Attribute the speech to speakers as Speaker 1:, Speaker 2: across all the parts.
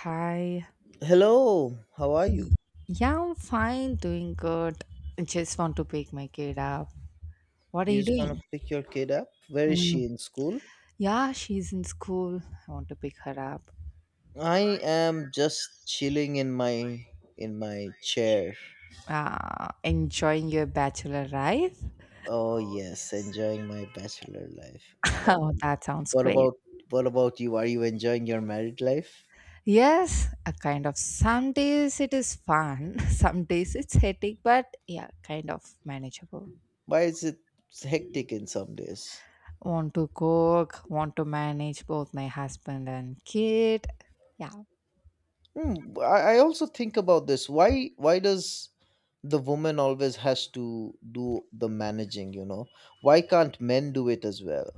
Speaker 1: Hi.
Speaker 2: Hello, how are you?
Speaker 1: Yeah, I'm fine, doing good. I just want to pick my kid up. What are
Speaker 2: You
Speaker 1: you
Speaker 2: just want to
Speaker 1: doing?
Speaker 2: pick your kid up? Where is
Speaker 1: Mm.
Speaker 2: she in school?
Speaker 1: Yeah, she's in school. I want to pick her up.
Speaker 2: I am just chilling in my chair.
Speaker 1: Enjoying your bachelor life?
Speaker 2: Oh yes, enjoying my bachelor life.
Speaker 1: Oh, that sounds
Speaker 2: What
Speaker 1: great.
Speaker 2: about what about you? Are you enjoying your married life?
Speaker 1: Yes, a kind of some days it is fun, some days it's headache, but yeah, kind of manageable.
Speaker 2: Why is it hectic in some days?
Speaker 1: Want to cook, want to manage both my husband and kid. Yeah.
Speaker 2: Hmm, I also think about this. Why does the woman always has to do the managing? Why can't men do it as well?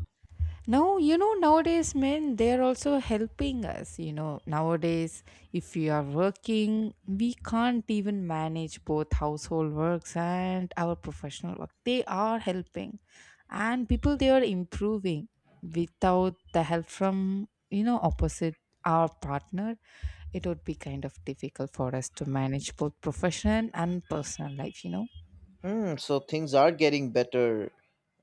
Speaker 1: Now, you know, nowadays, men, they're also helping us. You know, nowadays, if we are working, we can't even manage both household works and our professional work. They are helping. And people, they are improving without the help from, you know, opposite our partner. It would be kind of difficult for us to manage both profession and personal life, you know.
Speaker 2: So things are getting better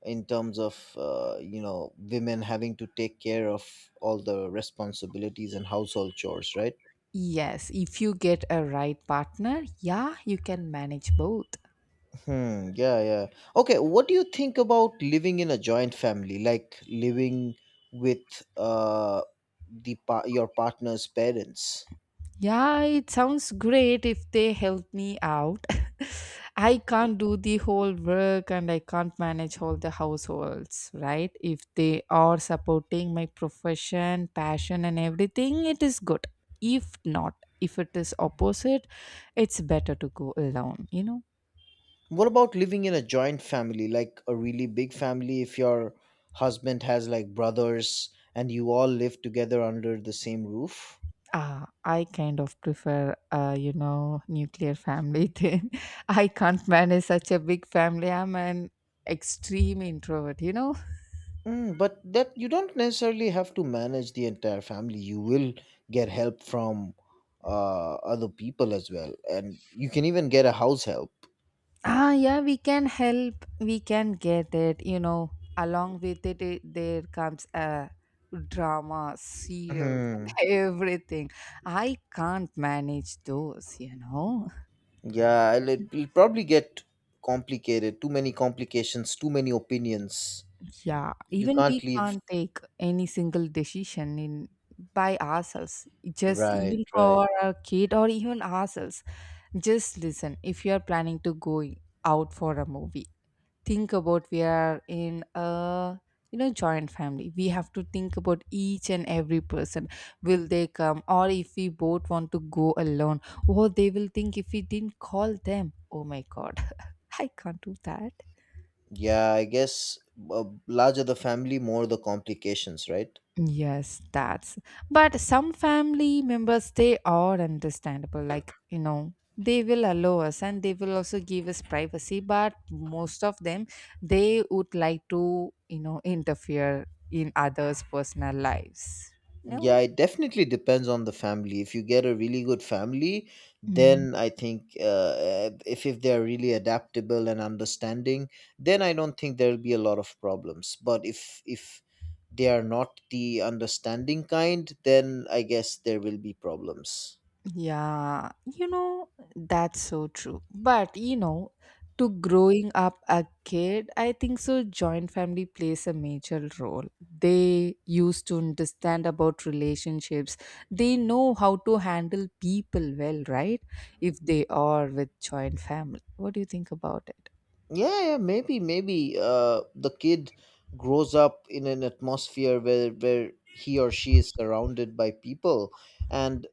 Speaker 2: in terms of women having to take care of all the responsibilities and household chores, right?
Speaker 1: Yes, if you get a right partner, yeah, you can manage both.
Speaker 2: Hmm. Yeah. Yeah. Okay. What do you think about living in a joint family, like living with your partner's parents?
Speaker 1: Yeah, it sounds great if they help me out. I can't do the whole work and I can't manage all the households, right? If they are supporting my profession, passion, and everything, it is good. If not, if it is opposite, it's better to go alone, you know?
Speaker 2: What about living in a joint family, like a really big family? If your husband has like brothers and you all live together under the same roof?
Speaker 1: Ah, I kind of prefer, you know, nuclear family thing. I can't manage such a big family. I'm an extreme introvert, you know?
Speaker 2: Mm, but that you don't necessarily have to manage the entire family. You will get help from other people as well, and you can even get a house help.
Speaker 1: Ah, yeah, we can help. We can get it. You know, along with it there comes a drama, serials, and
Speaker 2: Hmm.
Speaker 1: everything. I can't manage those. You know,
Speaker 2: Yeah, it'll probably get complicated. Too many complications. Too many opinions.
Speaker 1: yeah.
Speaker 2: You
Speaker 1: Even
Speaker 2: can't
Speaker 1: we
Speaker 2: leave.
Speaker 1: can't take any single decision in by ourselves. Just
Speaker 2: Right.
Speaker 1: even
Speaker 2: Right.
Speaker 1: for our kid or even ourselves. Just listen. If you are planning to go out for a movie, think about we are in a, you know, joint family, we have to think about each and every person, will they come, or if we both want to go alone, oh they will think if we didn't call them, oh my god, I can't do that.
Speaker 2: Yeah, I guess larger the family, more the complications. Right.
Speaker 1: Yes, that's. But some family members, they are understandable. Like, you know, they will allow us and they will also give us privacy. But most of them, they would like to, you know, interfere in others' personal lives. No?
Speaker 2: Yeah, it definitely depends on the family. If you get a really good family, then I think if they're really adaptable and understanding, then I don't think there'll be a lot of problems. But if they are not the understanding kind, then I guess there will be problems.
Speaker 1: Yeah, you know, that's so true. But you know, to growing up a kid, I think so joint family plays a major role. They used to understand about relationships. They know how to handle people well, right? If they are with joint family. What do you think about it?
Speaker 2: Yeah, yeah, maybe, maybe, the kid grows up in an atmosphere where he or she is surrounded by people, and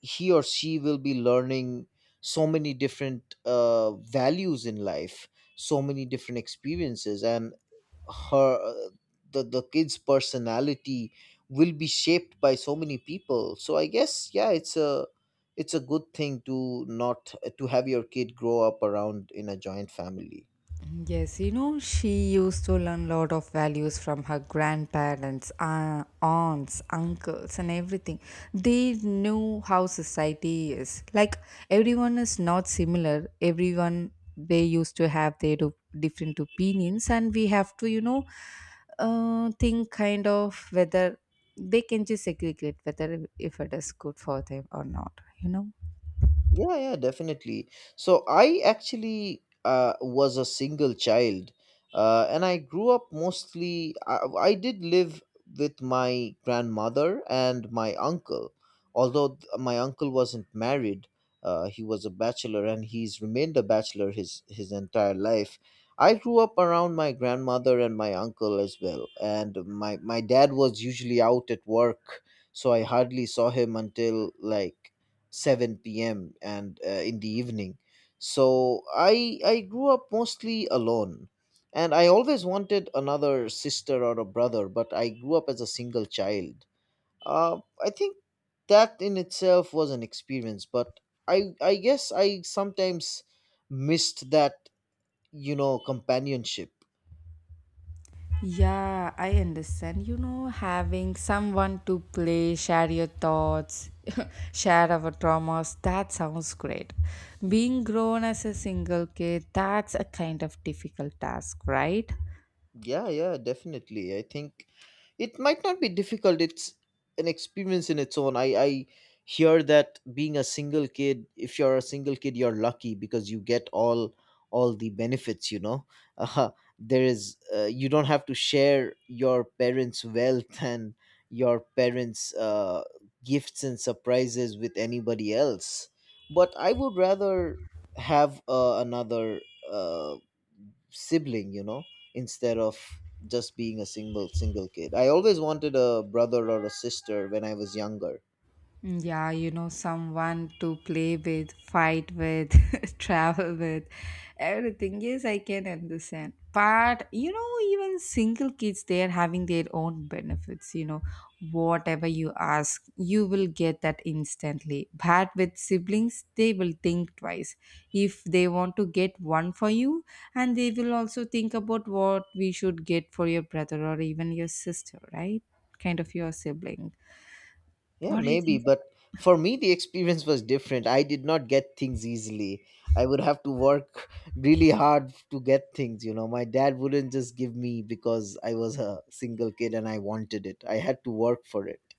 Speaker 2: he or she will be learning so many different values in life, so many different experiences, and her the kid's personality will be shaped by so many people. So I guess, yeah, it's a good thing to not to have your kid grow up around in a joint family.
Speaker 1: Yes, you know, she used to learn a lot of values from her grandparents, aunts, uncles, and everything. They knew how society is. Like, everyone is not similar. Everyone, they used to have their different opinions, and we have to, you know, think kind of whether they can just segregate whether if it is good for them or not, you know.
Speaker 2: Yeah, yeah, definitely. So I actually was a single child, and I grew up mostly. I did live with my grandmother and my uncle, although my uncle wasn't married. He was a bachelor, and he's remained a bachelor his entire life. I grew up around my grandmother and my uncle as well, and my dad was usually out at work, so I hardly saw him until like 7 p.m. and in the evening. So I grew up mostly alone, and I always wanted another sister or a brother, but I grew up as a single child. I think that in itself was an experience, but I guess I sometimes missed that companionship.
Speaker 1: Yeah, I understand. You know, having someone to play, share your thoughts, share our traumas, that sounds great. Being grown as a single kid, that's a kind of difficult task, right?
Speaker 2: Yeah, yeah, definitely. I think it might not be difficult. It's an experience in its own. I hear that being a single kid, if you're a single kid, you're lucky because you get all the benefits. Uh, there is you don't have to share your parents' wealth and your parents' gifts and surprises with anybody else. But I would rather have another uh, sibling instead of just being a single kid. I always wanted a brother or a sister when I was younger.
Speaker 1: Mm. Yeah, you know, someone to play with, fight with, travel with, everything. Yes, I can understand. But, you know, even single kids, they are having their own benefits. You know, whatever you ask, you will get that instantly. But with siblings, they will think twice. If they want to get one for you, and they will also think about what we should get for your brother or even your sister, right? Kind of your sibling.
Speaker 2: Yeah,
Speaker 1: What do you
Speaker 2: maybe,
Speaker 1: think?
Speaker 2: but for me the experience was different. I did not get things easily. I would have to work really hard to get things. My dad wouldn't just give me because I was a single kid and I wanted it. I had to work for it.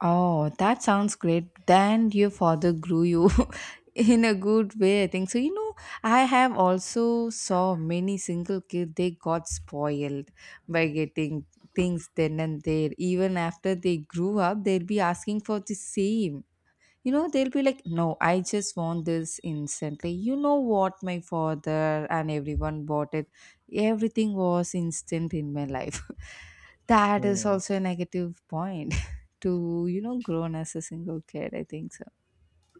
Speaker 1: Oh, that sounds great. Then your father grew you in a good way, I think. So, you know, I have also saw many single kids, they got spoiled by getting things then and there. Even after they grew up, they'll be asking for the same, you know, they'll be like, no, I just want this instantly, you know what, my father and everyone bought it, everything was instant in my life. That is
Speaker 2: Hmm.
Speaker 1: also a negative point to, you know, grown as a single kid, I think so.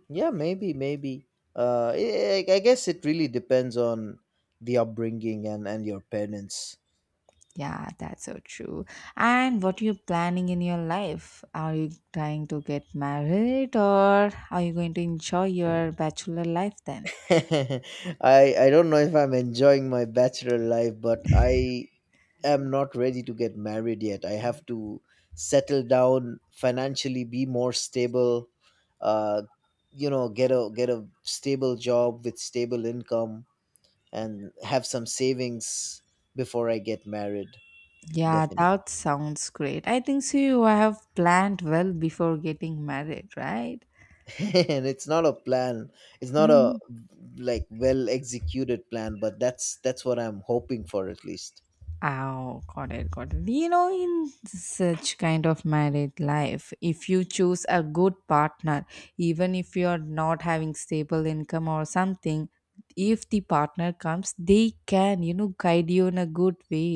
Speaker 2: Yeah, maybe, maybe. I guess it really depends on the upbringing and your parents.
Speaker 1: Yeah, that's so true. And what are you planning in your life? Are you trying to get married or are you going to enjoy your bachelor life then?
Speaker 2: I don't know if I'm enjoying my bachelor life, but I am not ready to get married yet. I have to settle down financially, be more stable, uh, get a stable job with stable income and have some savings before I get married.
Speaker 1: Yeah,
Speaker 2: Definitely.
Speaker 1: that sounds great. I think so you have planned well before getting married, right?
Speaker 2: And it's not a plan. It's not a,
Speaker 1: Hmm.
Speaker 2: like, well executed plan, but that's what I'm hoping for at least.
Speaker 1: Oh, got it, got it. You know, in such kind of married life, if you choose a good partner, even if you're not having stable income or something, if the partner comes, they can, you know, guide you in a good way.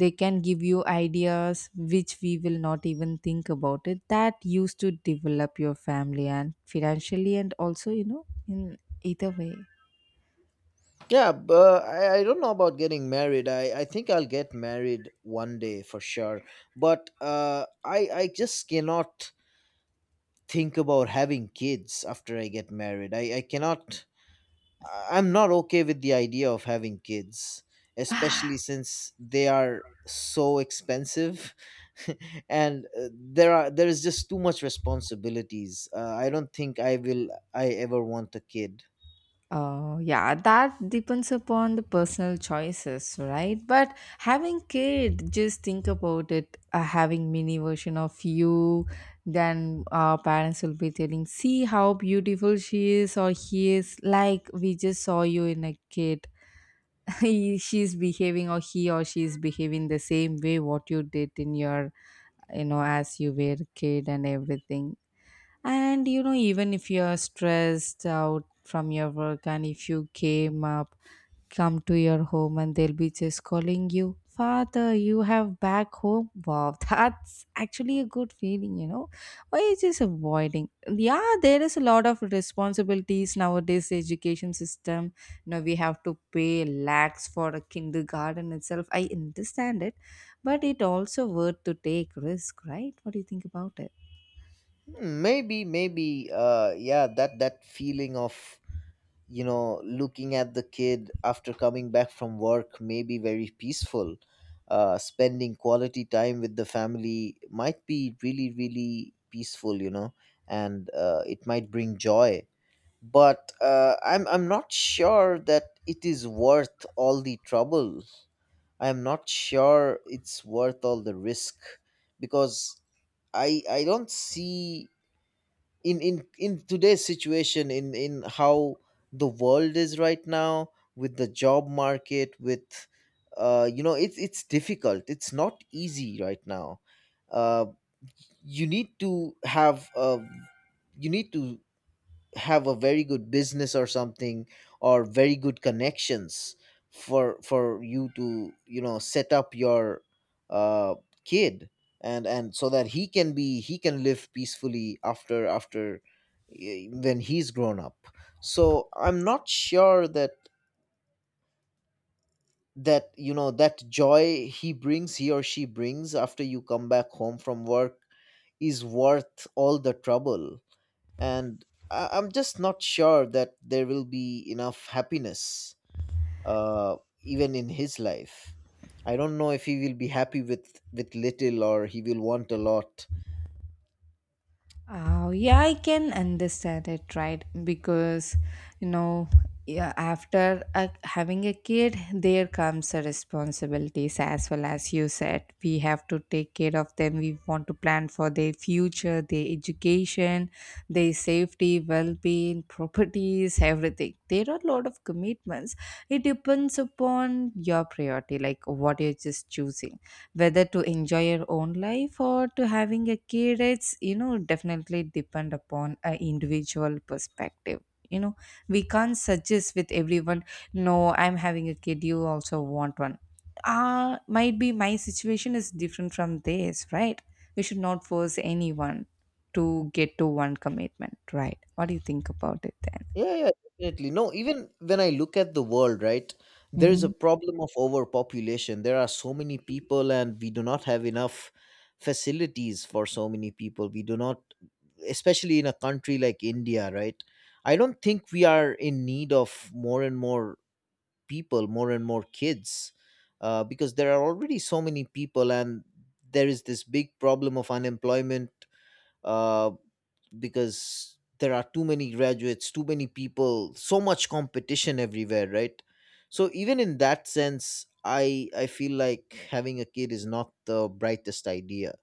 Speaker 1: They can give you ideas which we will not even think about it, that used to develop your family and financially and also, you know, in either way.
Speaker 2: Yeah, but I don't know about getting married. I think I'll get married one day for sure. But I just cannot think about having kids after I get married. I cannot. I'm not okay with the idea of having kids, especially since they are so expensive, and there is just too much responsibilities. I don't think I ever want a kid.
Speaker 1: Yeah, that depends upon the personal choices, right? But having kid, just think about it, having mini version of you, then our parents will be telling see how beautiful she is or he is, like we just saw you in a kid, he, she's behaving or he or she is behaving the same way what you did in your, you know, as you were a kid and everything. And you know, even if you're stressed out from your work and if you came up, come to your home, and they'll be just calling you, father you have back home, wow, that's actually a good feeling, you know. Why is just avoiding? Yeah, there is a lot of responsibilities, nowadays education system, you know, we have to pay lakhs for a kindergarten itself, I understand it, but it also worth to take risk, right? What do you think about it?
Speaker 2: Maybe, maybe, yeah, that feeling of looking at the kid after coming back from work may be very peaceful. Spending quality time with the family might be really, really peaceful, and it might bring joy. But I'm not sure that it is worth all the trouble. I'm not sure it's worth all the risk, because I don't see in today's situation, in how the world is right now with the job market with it's difficult, it's not easy right now. uh you need to have uh you need to have a very good business or something, or very good connections for you to set up your uh kid, and so that he can live peacefully after when he's grown up. So I'm not sure that that that joy he or she brings after you come back home from work is worth all the trouble. And I'm just not sure that there will be enough happiness, uh, even in his life. I don't know if he will be happy with little or he will want a lot.
Speaker 1: Oh, yeah, I can understand it, right? Because, you know, yeah, after a, having a kid, there comes the responsibilities as well as you said. We have to take care of them. We want to plan for their future, their education, their safety, well being, properties, everything. There are a lot of commitments. It depends upon your priority, like what you're just choosing, whether to enjoy your own life or to having a kid, it's, you know, definitely depend upon a individual perspective, you know, we can't suggest with everyone. No, I'm having a kid you also want one, ah might be my situation is different from theirs, right? We should not force anyone to get to one commitment, right? What do you think about it then?
Speaker 2: Yeah, yeah, definitely. No, even when I look at the world, right, there is a
Speaker 1: Mm-hmm.
Speaker 2: problem of overpopulation. There are so many people and we do not have enough facilities for so many people. We do not, especially in a country like India, right? I don't think we are in need of more and more people, more and more kids, because there are already so many people, and there is this big problem of unemployment, uh, because there are too many graduates, too many people, so much competition everywhere, right? So even in that sense, I feel like having a kid is not the brightest idea.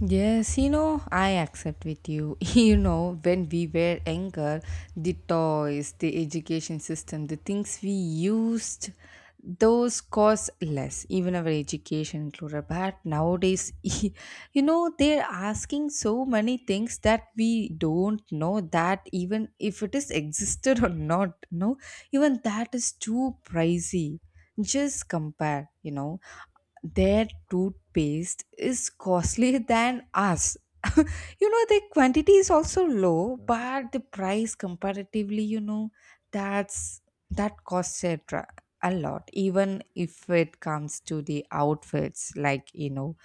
Speaker 1: Yes, you know, I accept with you. You know, when we were younger, the toys, the education system, the things we used, those cost less, even our education included. But nowadays, you know, they're asking so many things that we don't know that even if it is existed or not, no, even that is too pricey. Just compare, you know, their toothpaste is costlier than us. You know, the quantity is also low,
Speaker 2: Yeah.
Speaker 1: but the price comparatively, you know, that's that costs a, a lot, even if it comes to the outfits, like, you know,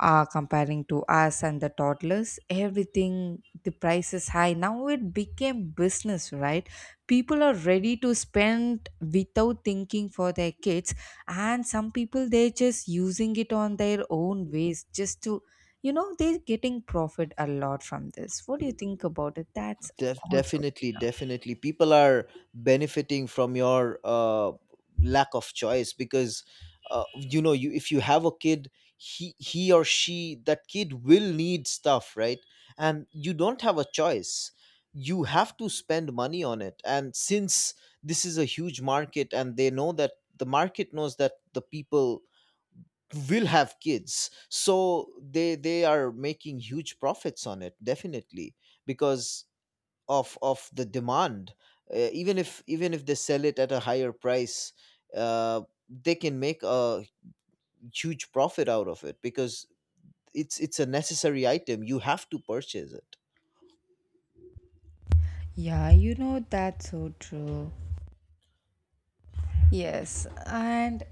Speaker 1: comparing to us and the toddlers, everything the price is high, now it became business, right? People are ready to spend without thinking for their kids, and some people they're just using it on their own ways just to, you know, they're getting profit a lot from this. What do you think about it? That's also.
Speaker 2: Definitely, definitely. People are benefiting from your lack of choice, because you if you have a kid, he or she that kid will need stuff, right? And you don't have a choice. You have to spend money on it. And since this is a huge market, and the market knows that the people will have kids, so they are making huge profits on it. Definitely, because of the demand. Even if they sell it at a higher price, uh, they can make a huge profit out of it, because it's a necessary item, you have to purchase it.
Speaker 1: Yeah, you know, that's so true. Yes, and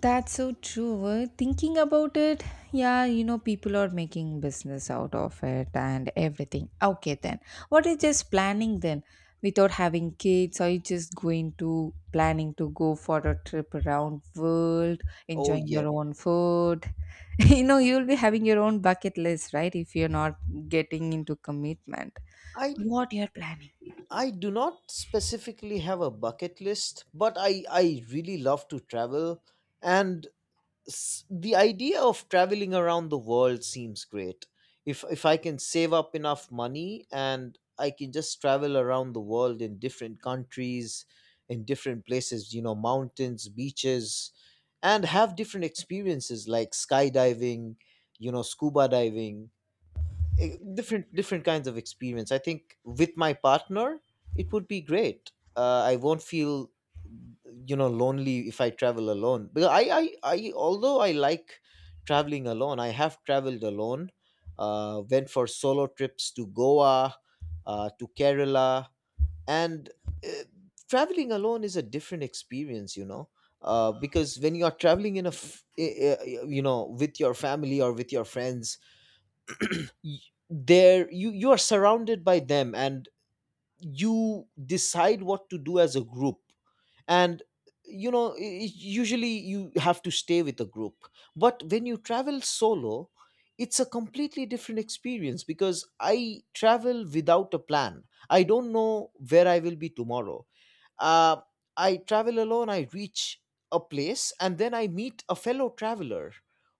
Speaker 1: that's so true. Thinking about it, yeah, you know, people are making business out of it and everything. Okay, then. What is just planning then? Without having kids, are you just going to planning to go for a trip around world,
Speaker 2: Oh
Speaker 1: enjoying
Speaker 2: yeah.
Speaker 1: your own food? You know, you'll be having your own bucket list, right? If you're not getting into commitment.
Speaker 2: I
Speaker 1: What you're planning.
Speaker 2: I do not specifically have a bucket list, but I really love to travel, and the idea of traveling around the world seems great. If I can save up enough money and I can just travel around the world in different countries, in different places, you know, mountains, beaches, and have different experiences like skydiving, you know, scuba diving, different kinds of experience. I think with my partner, it would be great. I won't feel lonely if I travel alone. Because I although I like traveling alone, I have traveled alone. Went for solo trips to Goa, to Kerala, and uh, traveling alone is a different experience. You know. Because when you are traveling in a, f- I- you know, with your family or with your friends, y- there you are surrounded by them, and you decide what to do as a group. And you know i- i- usually you have to stay with a group. But when you travel solo, it's a completely different experience, because I travel without a plan. I don't know where I will be tomorrow. uh, I travel alone, I reach a place, and then I meet a fellow traveler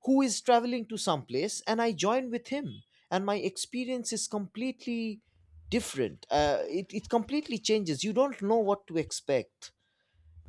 Speaker 2: who is traveling to some place, and I join with him. And my experience is completely different. It completely changes. You don't know what to expect.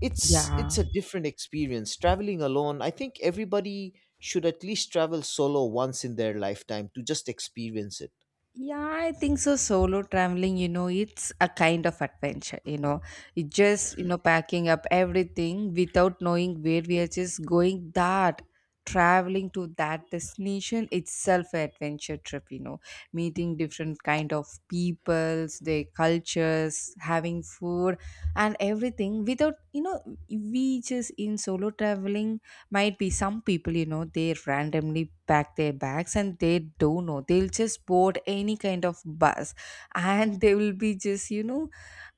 Speaker 2: It's
Speaker 1: Yeah.
Speaker 2: a different experience traveling alone. I think everybody should at least travel solo once in their lifetime to just experience it.
Speaker 1: Yeah, I think so. Solo traveling, you know, it's a kind of adventure, you know. It just, you know, packing up everything without knowing where we are just going. That traveling to that destination itself an adventure trip, you know. Meeting different kind of peoples, their cultures, having food and everything without, we just in solo traveling. Might be some people, you know, they randomly pack their bags and they don't know. They'll just board any kind of bus and they will be just you know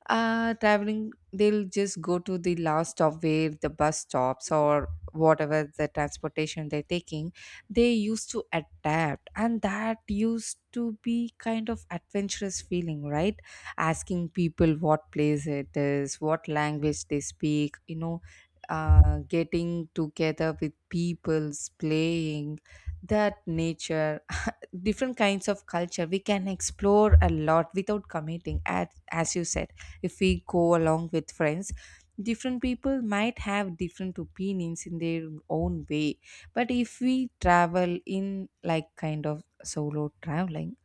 Speaker 1: uh, traveling. They'll just go to the last stop where the bus stops, or whatever the transportation they're taking, they used to adapt, and that used to be kind of adventurous feeling, right? Asking people what place it is, what language they speak, getting together with peoples playing, that nature. Different kinds of culture we can explore a lot without committing, as you said. If we go along with friends, different people might have different opinions in their own way. But if we travel in like kind of solo traveling,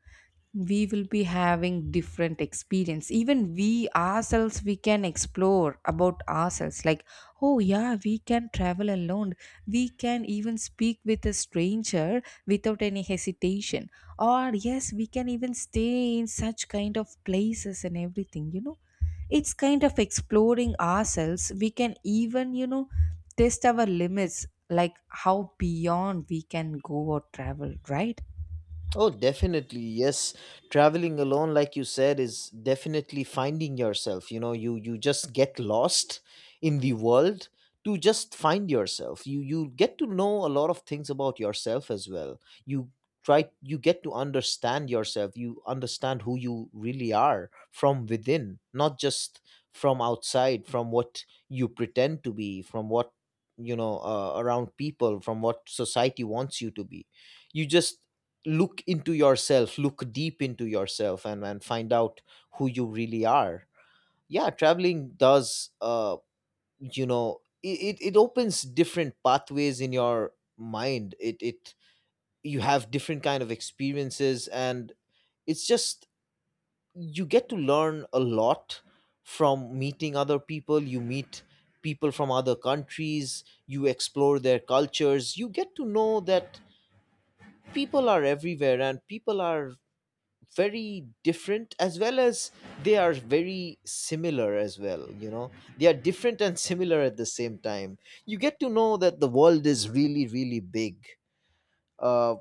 Speaker 1: we will be having different experience. Even we ourselves, we can explore about ourselves, like oh yeah, we can travel alone, we can even speak with a stranger without any hesitation, or yes, we can even stay in such kind of places and everything, you know. It's kind of exploring ourselves. We can even, you know, test our limits, like how beyond we can go or travel, right?
Speaker 2: Oh, definitely. Yes. Traveling alone, like you said, is definitely finding yourself. You just get lost in the world to just find yourself. You get to know a lot of things about yourself as well. You you get to understand yourself. You understand who you really are from within, not just from outside, from what you pretend to be, from what you know, around people, from what society wants you to be. You just look into yourself, look deep into yourself, and find out who you really are. Yeah, traveling does, it opens different pathways in your mind. It You have different kind of experiences, and it's just you get to learn a lot from meeting other people. You meet people from other countries. You explore their cultures. You get to know that people are everywhere, and people are very different as well as they are very similar as well, you know. They are different and similar at the same time. You get to know that the world is really, really big. uh,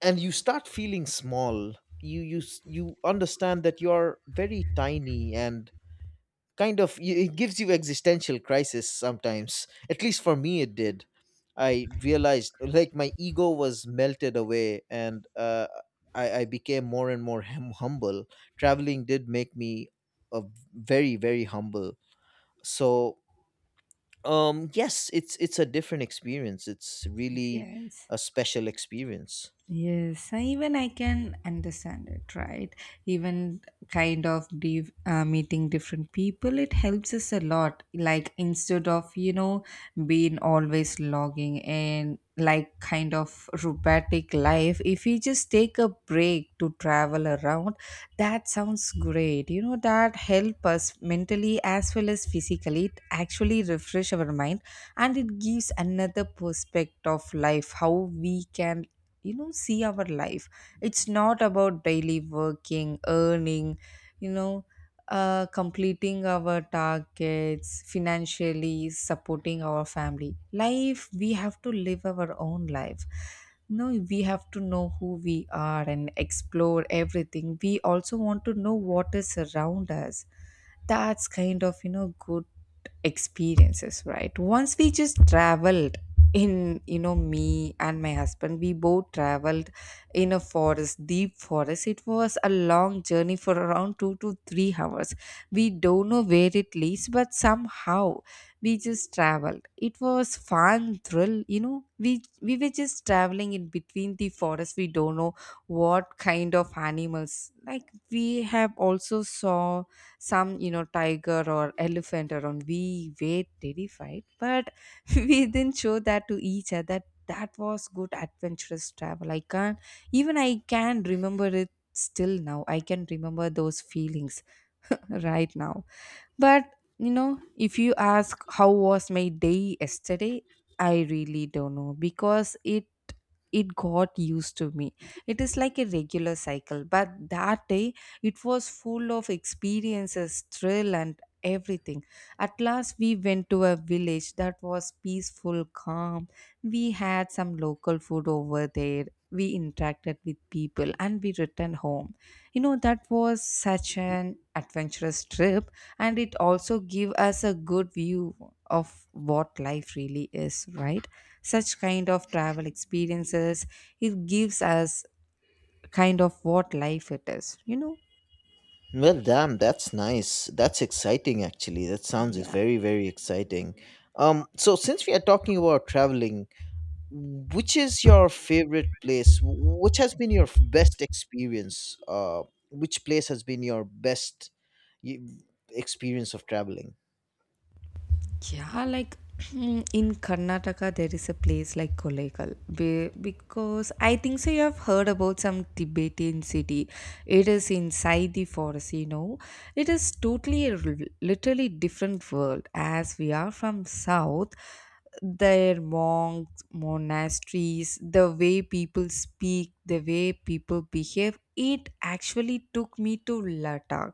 Speaker 2: and you start feeling small. You understand that you're very tiny, and kind of it gives you existential crisis sometimes, at least for me it did. I realized, like, my ego was melted away, and I became more and more humble. Traveling did make me a very, very humble. So yes, it's a different experience. It's really
Speaker 1: Yes.
Speaker 2: a special experience.
Speaker 1: Yes, even I can understand it, right? Even kind of meeting different people, it helps us a lot. Like instead of, you know, being always logging and like kind of robotic life, if we just take a break to travel around, that sounds great. You know, that help us mentally as well as physically. It actually refresh our mind and it gives another perspective of life, how we can, you know, see our life. It's not about daily working, earning, you know, completing our targets, financially supporting our family life. We have to live our own life. No, we have to know who we are and explore everything. We also want to know what is around us. That's kind of, you know, good experiences, right? Once we just traveled in, you know, me and my husband, we both traveled in a forest, deep forest. It was a long journey for around 2 to 3 hours. We don't know where it leads, but somehow we just traveled. It was fun, thrill, you know. We we were just traveling in between the forest. We don't know what kind of animals, like, we have also saw some, you know, tiger or elephant around. We were terrified, but we didn't show that to each other. That was good adventurous travel. I can't even I can remember it still now. I can remember those feelings right now. But you know, if you ask how was my day yesterday, I really don't know, because it got used to me. It is like a regular cycle. But that day, it was full of experiences, thrill and everything. At last, we went to a village that was peaceful, calm. We had some local food over there. We interacted with people and we returned home. You know, that was such an adventurous trip, and it also gave us a good view of what life really is, right? Such kind of travel experiences, it gives us kind of what life it is, you know.
Speaker 2: Well, damn, that's nice. That's exciting, actually. That sounds
Speaker 1: Yeah.
Speaker 2: very, very exciting. So since we are talking about traveling, which is your favorite place? Which has been your best experience? Which place has been your best y- experience of traveling?
Speaker 1: Yeah, like in Karnataka, there is a place like Kolekal because I think so. You have heard about some Tibetan city. It is inside the forest. You know, it is totally a literally different world. As we are from south, their monks, monasteries, the way people speak, the way people behave, it actually took me to Ladakh.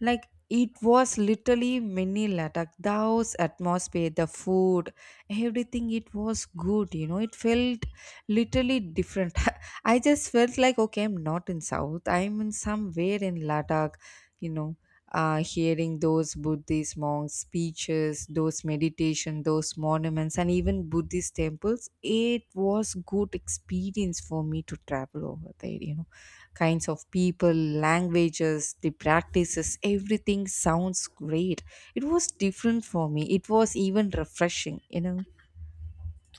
Speaker 1: Like it was literally mini Ladakh. The house atmosphere, the food, everything. It was good. You know, it felt literally different. I just felt like okay, I'm not in South. I'm in somewhere in Ladakh. You know, hearing those Buddhist monks' speeches, those meditation, those monuments, and even Buddhist temples. It was good experience for me to travel over there. You know, kinds of people, languages, the practices, everything sounds great. It was different for me. It was even refreshing, you know.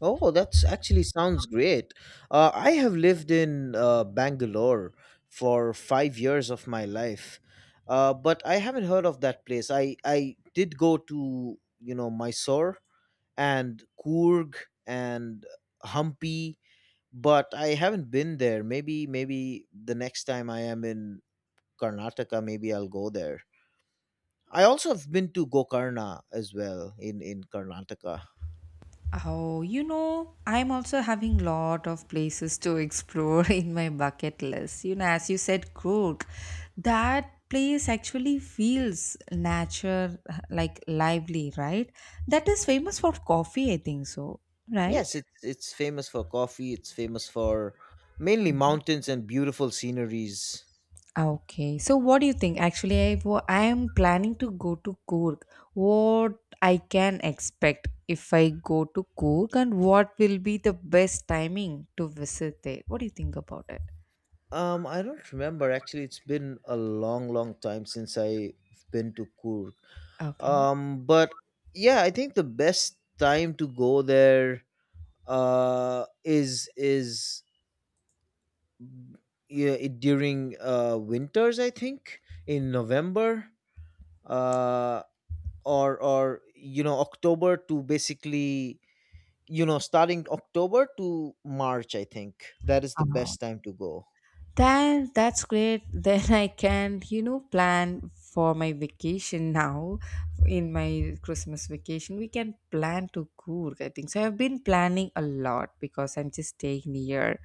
Speaker 2: Oh, that's actually sounds great. I have lived in Bangalore for 5 years of my life, but I haven't heard of that place. I did go to Mysore, and Coorg, and Hampi, but I haven't been there. Maybe the next time I am in Karnataka, maybe I'll go there. I also have been to Gokarna as well, in Karnataka.
Speaker 1: Oh, you know, I'm also having lot of places to explore in my bucket list. You know, as you said, Cook, that place actually feels nature like lively, right? That is famous for coffee, I think so, right?
Speaker 2: Yes, it's famous for coffee. It's famous for mainly mountains and beautiful sceneries.
Speaker 1: Okay, so what do you think? Actually, I am planning to go to Coorg. What I can expect if I go to Coorg, and what will be the best timing to visit there? What do you think about it?
Speaker 2: I don't remember actually. It's been a long, long time since I've been to Kurg.
Speaker 1: Okay.
Speaker 2: But yeah, I think the best time to go there uh is is during winters, I think, in November. uh, Or, October to, basically, starting October to March, I think that is the best time to go.
Speaker 1: Then that's great. Then I can, you know, plan for my vacation now. In my Christmas vacation, we can plan to Coorg, I think. So I've been planning a lot, because I'm just staying near,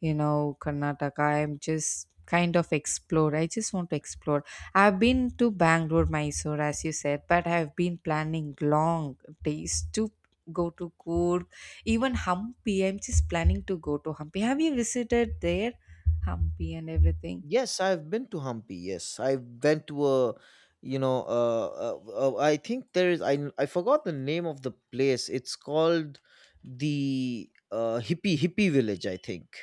Speaker 1: you know, Karnataka. I'm just kind of explore. I just want to explore. I've been to Bangalore, Mysore, as you said, but I've been planning long days to go to Coorg. Even Hampi, I'm just planning to go to Hampi. Have you visited there? Hampi and everything.
Speaker 2: Yes, I've been to Hampi. Yes, I went to a, I think there is I forgot the name of the place. It's called the hippie village, I think.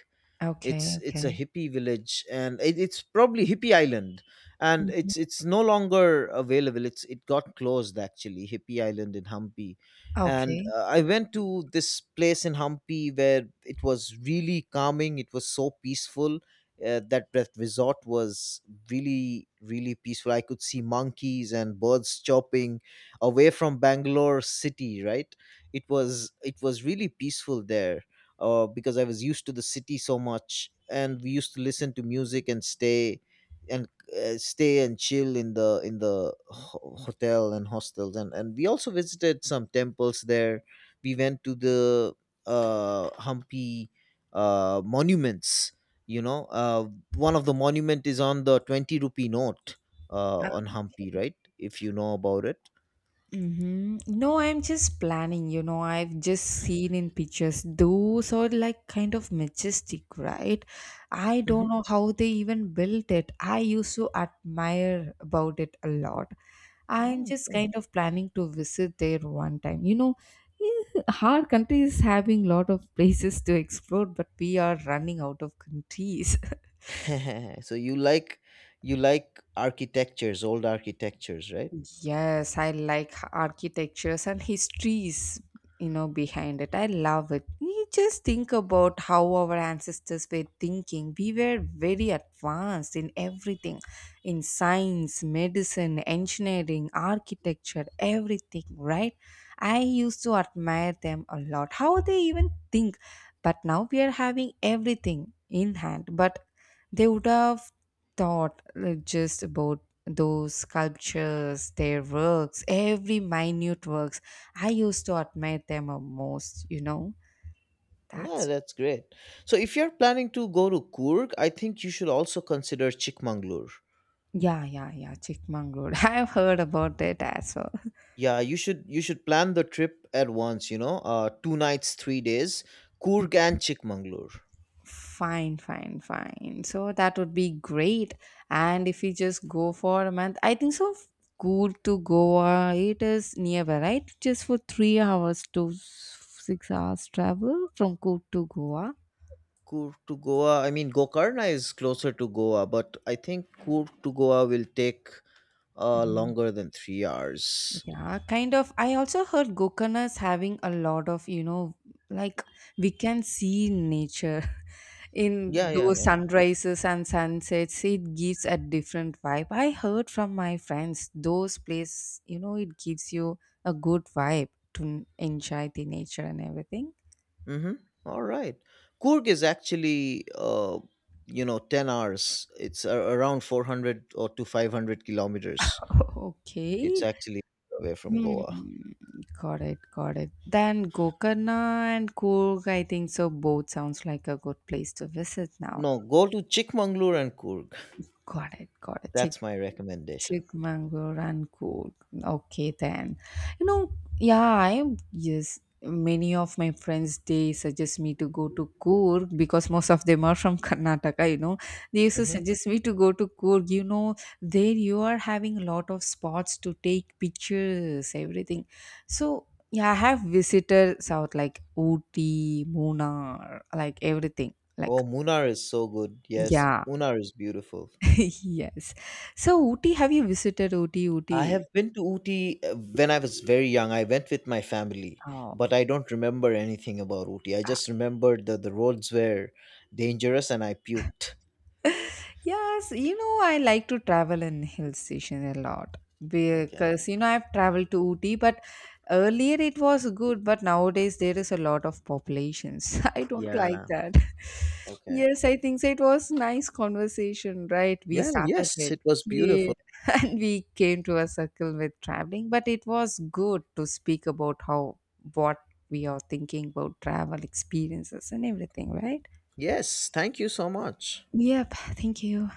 Speaker 1: Okay,
Speaker 2: It's a
Speaker 1: okay.
Speaker 2: hippie village, and it's probably Hippie Island. And
Speaker 1: Mhm.
Speaker 2: it's no longer available. It got closed, actually. Hippie Island in Hampi. And
Speaker 1: Okay.
Speaker 2: I went to this place in Hampi where it was really calming. It was so peaceful. That resort was really, really peaceful. I could see monkeys and birds chirping, away from Bangalore city, right? It was really peaceful there. Because I was used to the city so much, and we used to listen to music and stay, and stay and chill in the hotel and hostels, and we also visited some temples there. We went to the Hampi monuments. You know, uh, One of the monument is on the 20 rupee note,
Speaker 1: Ah,
Speaker 2: on Hampi,
Speaker 1: okay.
Speaker 2: right? If you know about it.
Speaker 1: Mm-hmm. No, I'm just planning, you know, I've just seen in pictures. Those are like kind of majestic, right? I don't know how they even built it. I used to admire about it a lot. I'm just
Speaker 2: Mm-hmm.
Speaker 1: kind of planning to visit there one time. You know, eh, our country is having lot of places to explore, but we are running out of countries.
Speaker 2: So you like architectures, old architectures, right?
Speaker 1: Yes, I like architectures and histories, you know, behind it. I love it. You just think about how our ancestors were thinking. We were very advanced in everything, in science, medicine, engineering, architecture, everything, right? I used to admire them a lot. How they even think. But now we are having everything in hand. But they would have thought just about those sculptures, their works, every minute works. I used to admire them a most, you know.
Speaker 2: No,
Speaker 1: That's
Speaker 2: that's great. So if you're planning to go to Coorg, I think you should also consider Chikmagalur.
Speaker 1: yeah, yeah, yeah, Chikmagalur. I've heard about it as well.
Speaker 2: Yeah, you should plan the trip at once, 2 nights, 3 days, Coorg and Chikmagalur.
Speaker 1: Fine, fine, fine. So that would be great. And if you just go for a month, I think so. Good to Goa. It is nearby, right? Just for 3 hours to 6 hours travel from Coorg to Goa.
Speaker 2: Coorg to Goa, I mean, Gokarna is closer to Goa, but I think Coorg to Goa will take
Speaker 1: Mm-hmm.
Speaker 2: longer than 3 hours.
Speaker 1: Yeah, kind of. I also heard Gokarna is having a lot of, you know, like, we can see nature
Speaker 2: Yeah,
Speaker 1: in
Speaker 2: yeah,
Speaker 1: those
Speaker 2: yeah.
Speaker 1: sunrises and sunsets. It gives a different vibe. I heard from my friends, those places. You know, it gives you a good vibe to enjoy the nature and everything.
Speaker 2: Mm-hmm. All right. Coorg is actually, 10 hours. Around 400 or to 500 kilometers. It's
Speaker 1: Okay.
Speaker 2: actually away from
Speaker 1: Hmm.
Speaker 2: Goa.
Speaker 1: Got it, got it. Then Gokarna and Coorg, I think so both sounds like a good place to visit now.
Speaker 2: No, go to Chikmagalur and Coorg.
Speaker 1: Got it, got it.
Speaker 2: That's my recommendation.
Speaker 1: Chikmagalur and Coorg. Okay, then. You know, yeah, I yes. Many of my friends they suggest me to go to Coorg because most of them are from Karnataka. You know, they used to
Speaker 2: Mm-hmm.
Speaker 1: suggest me to go to Coorg. You know, there you are having a lot of spots to take pictures, everything. So yeah, I have visited South like Ooty, Munnar, like everything. Like
Speaker 2: Oh, Munnar is so good. Yes,
Speaker 1: yeah,
Speaker 2: Munnar is beautiful.
Speaker 1: yes. So Ooty, have you visited Ooty?
Speaker 2: I
Speaker 1: Ooty?
Speaker 2: have been to Ooty when I was very young. I went with my family,
Speaker 1: Oh,
Speaker 2: but I don't remember anything about Ooty. I
Speaker 1: ah,
Speaker 2: just remembered that the roads were dangerous and I puked.
Speaker 1: yes, you know, I like to travel in hill station a lot,
Speaker 2: Okay.
Speaker 1: because you know I've traveled to Ooty, but earlier it was good, but nowadays there is a lot of populations. I don't like
Speaker 2: Yeah.
Speaker 1: that.
Speaker 2: Okay.
Speaker 1: Yes, I think so. It was nice conversation, right? We
Speaker 2: Well,
Speaker 1: started
Speaker 2: yes,
Speaker 1: with
Speaker 2: it was beautiful.
Speaker 1: kid and we came to a circle with traveling, but it was good to speak about how what we are thinking about travel experiences and everything, right?
Speaker 2: Yes. Thank you so much.
Speaker 1: Yep, thank you.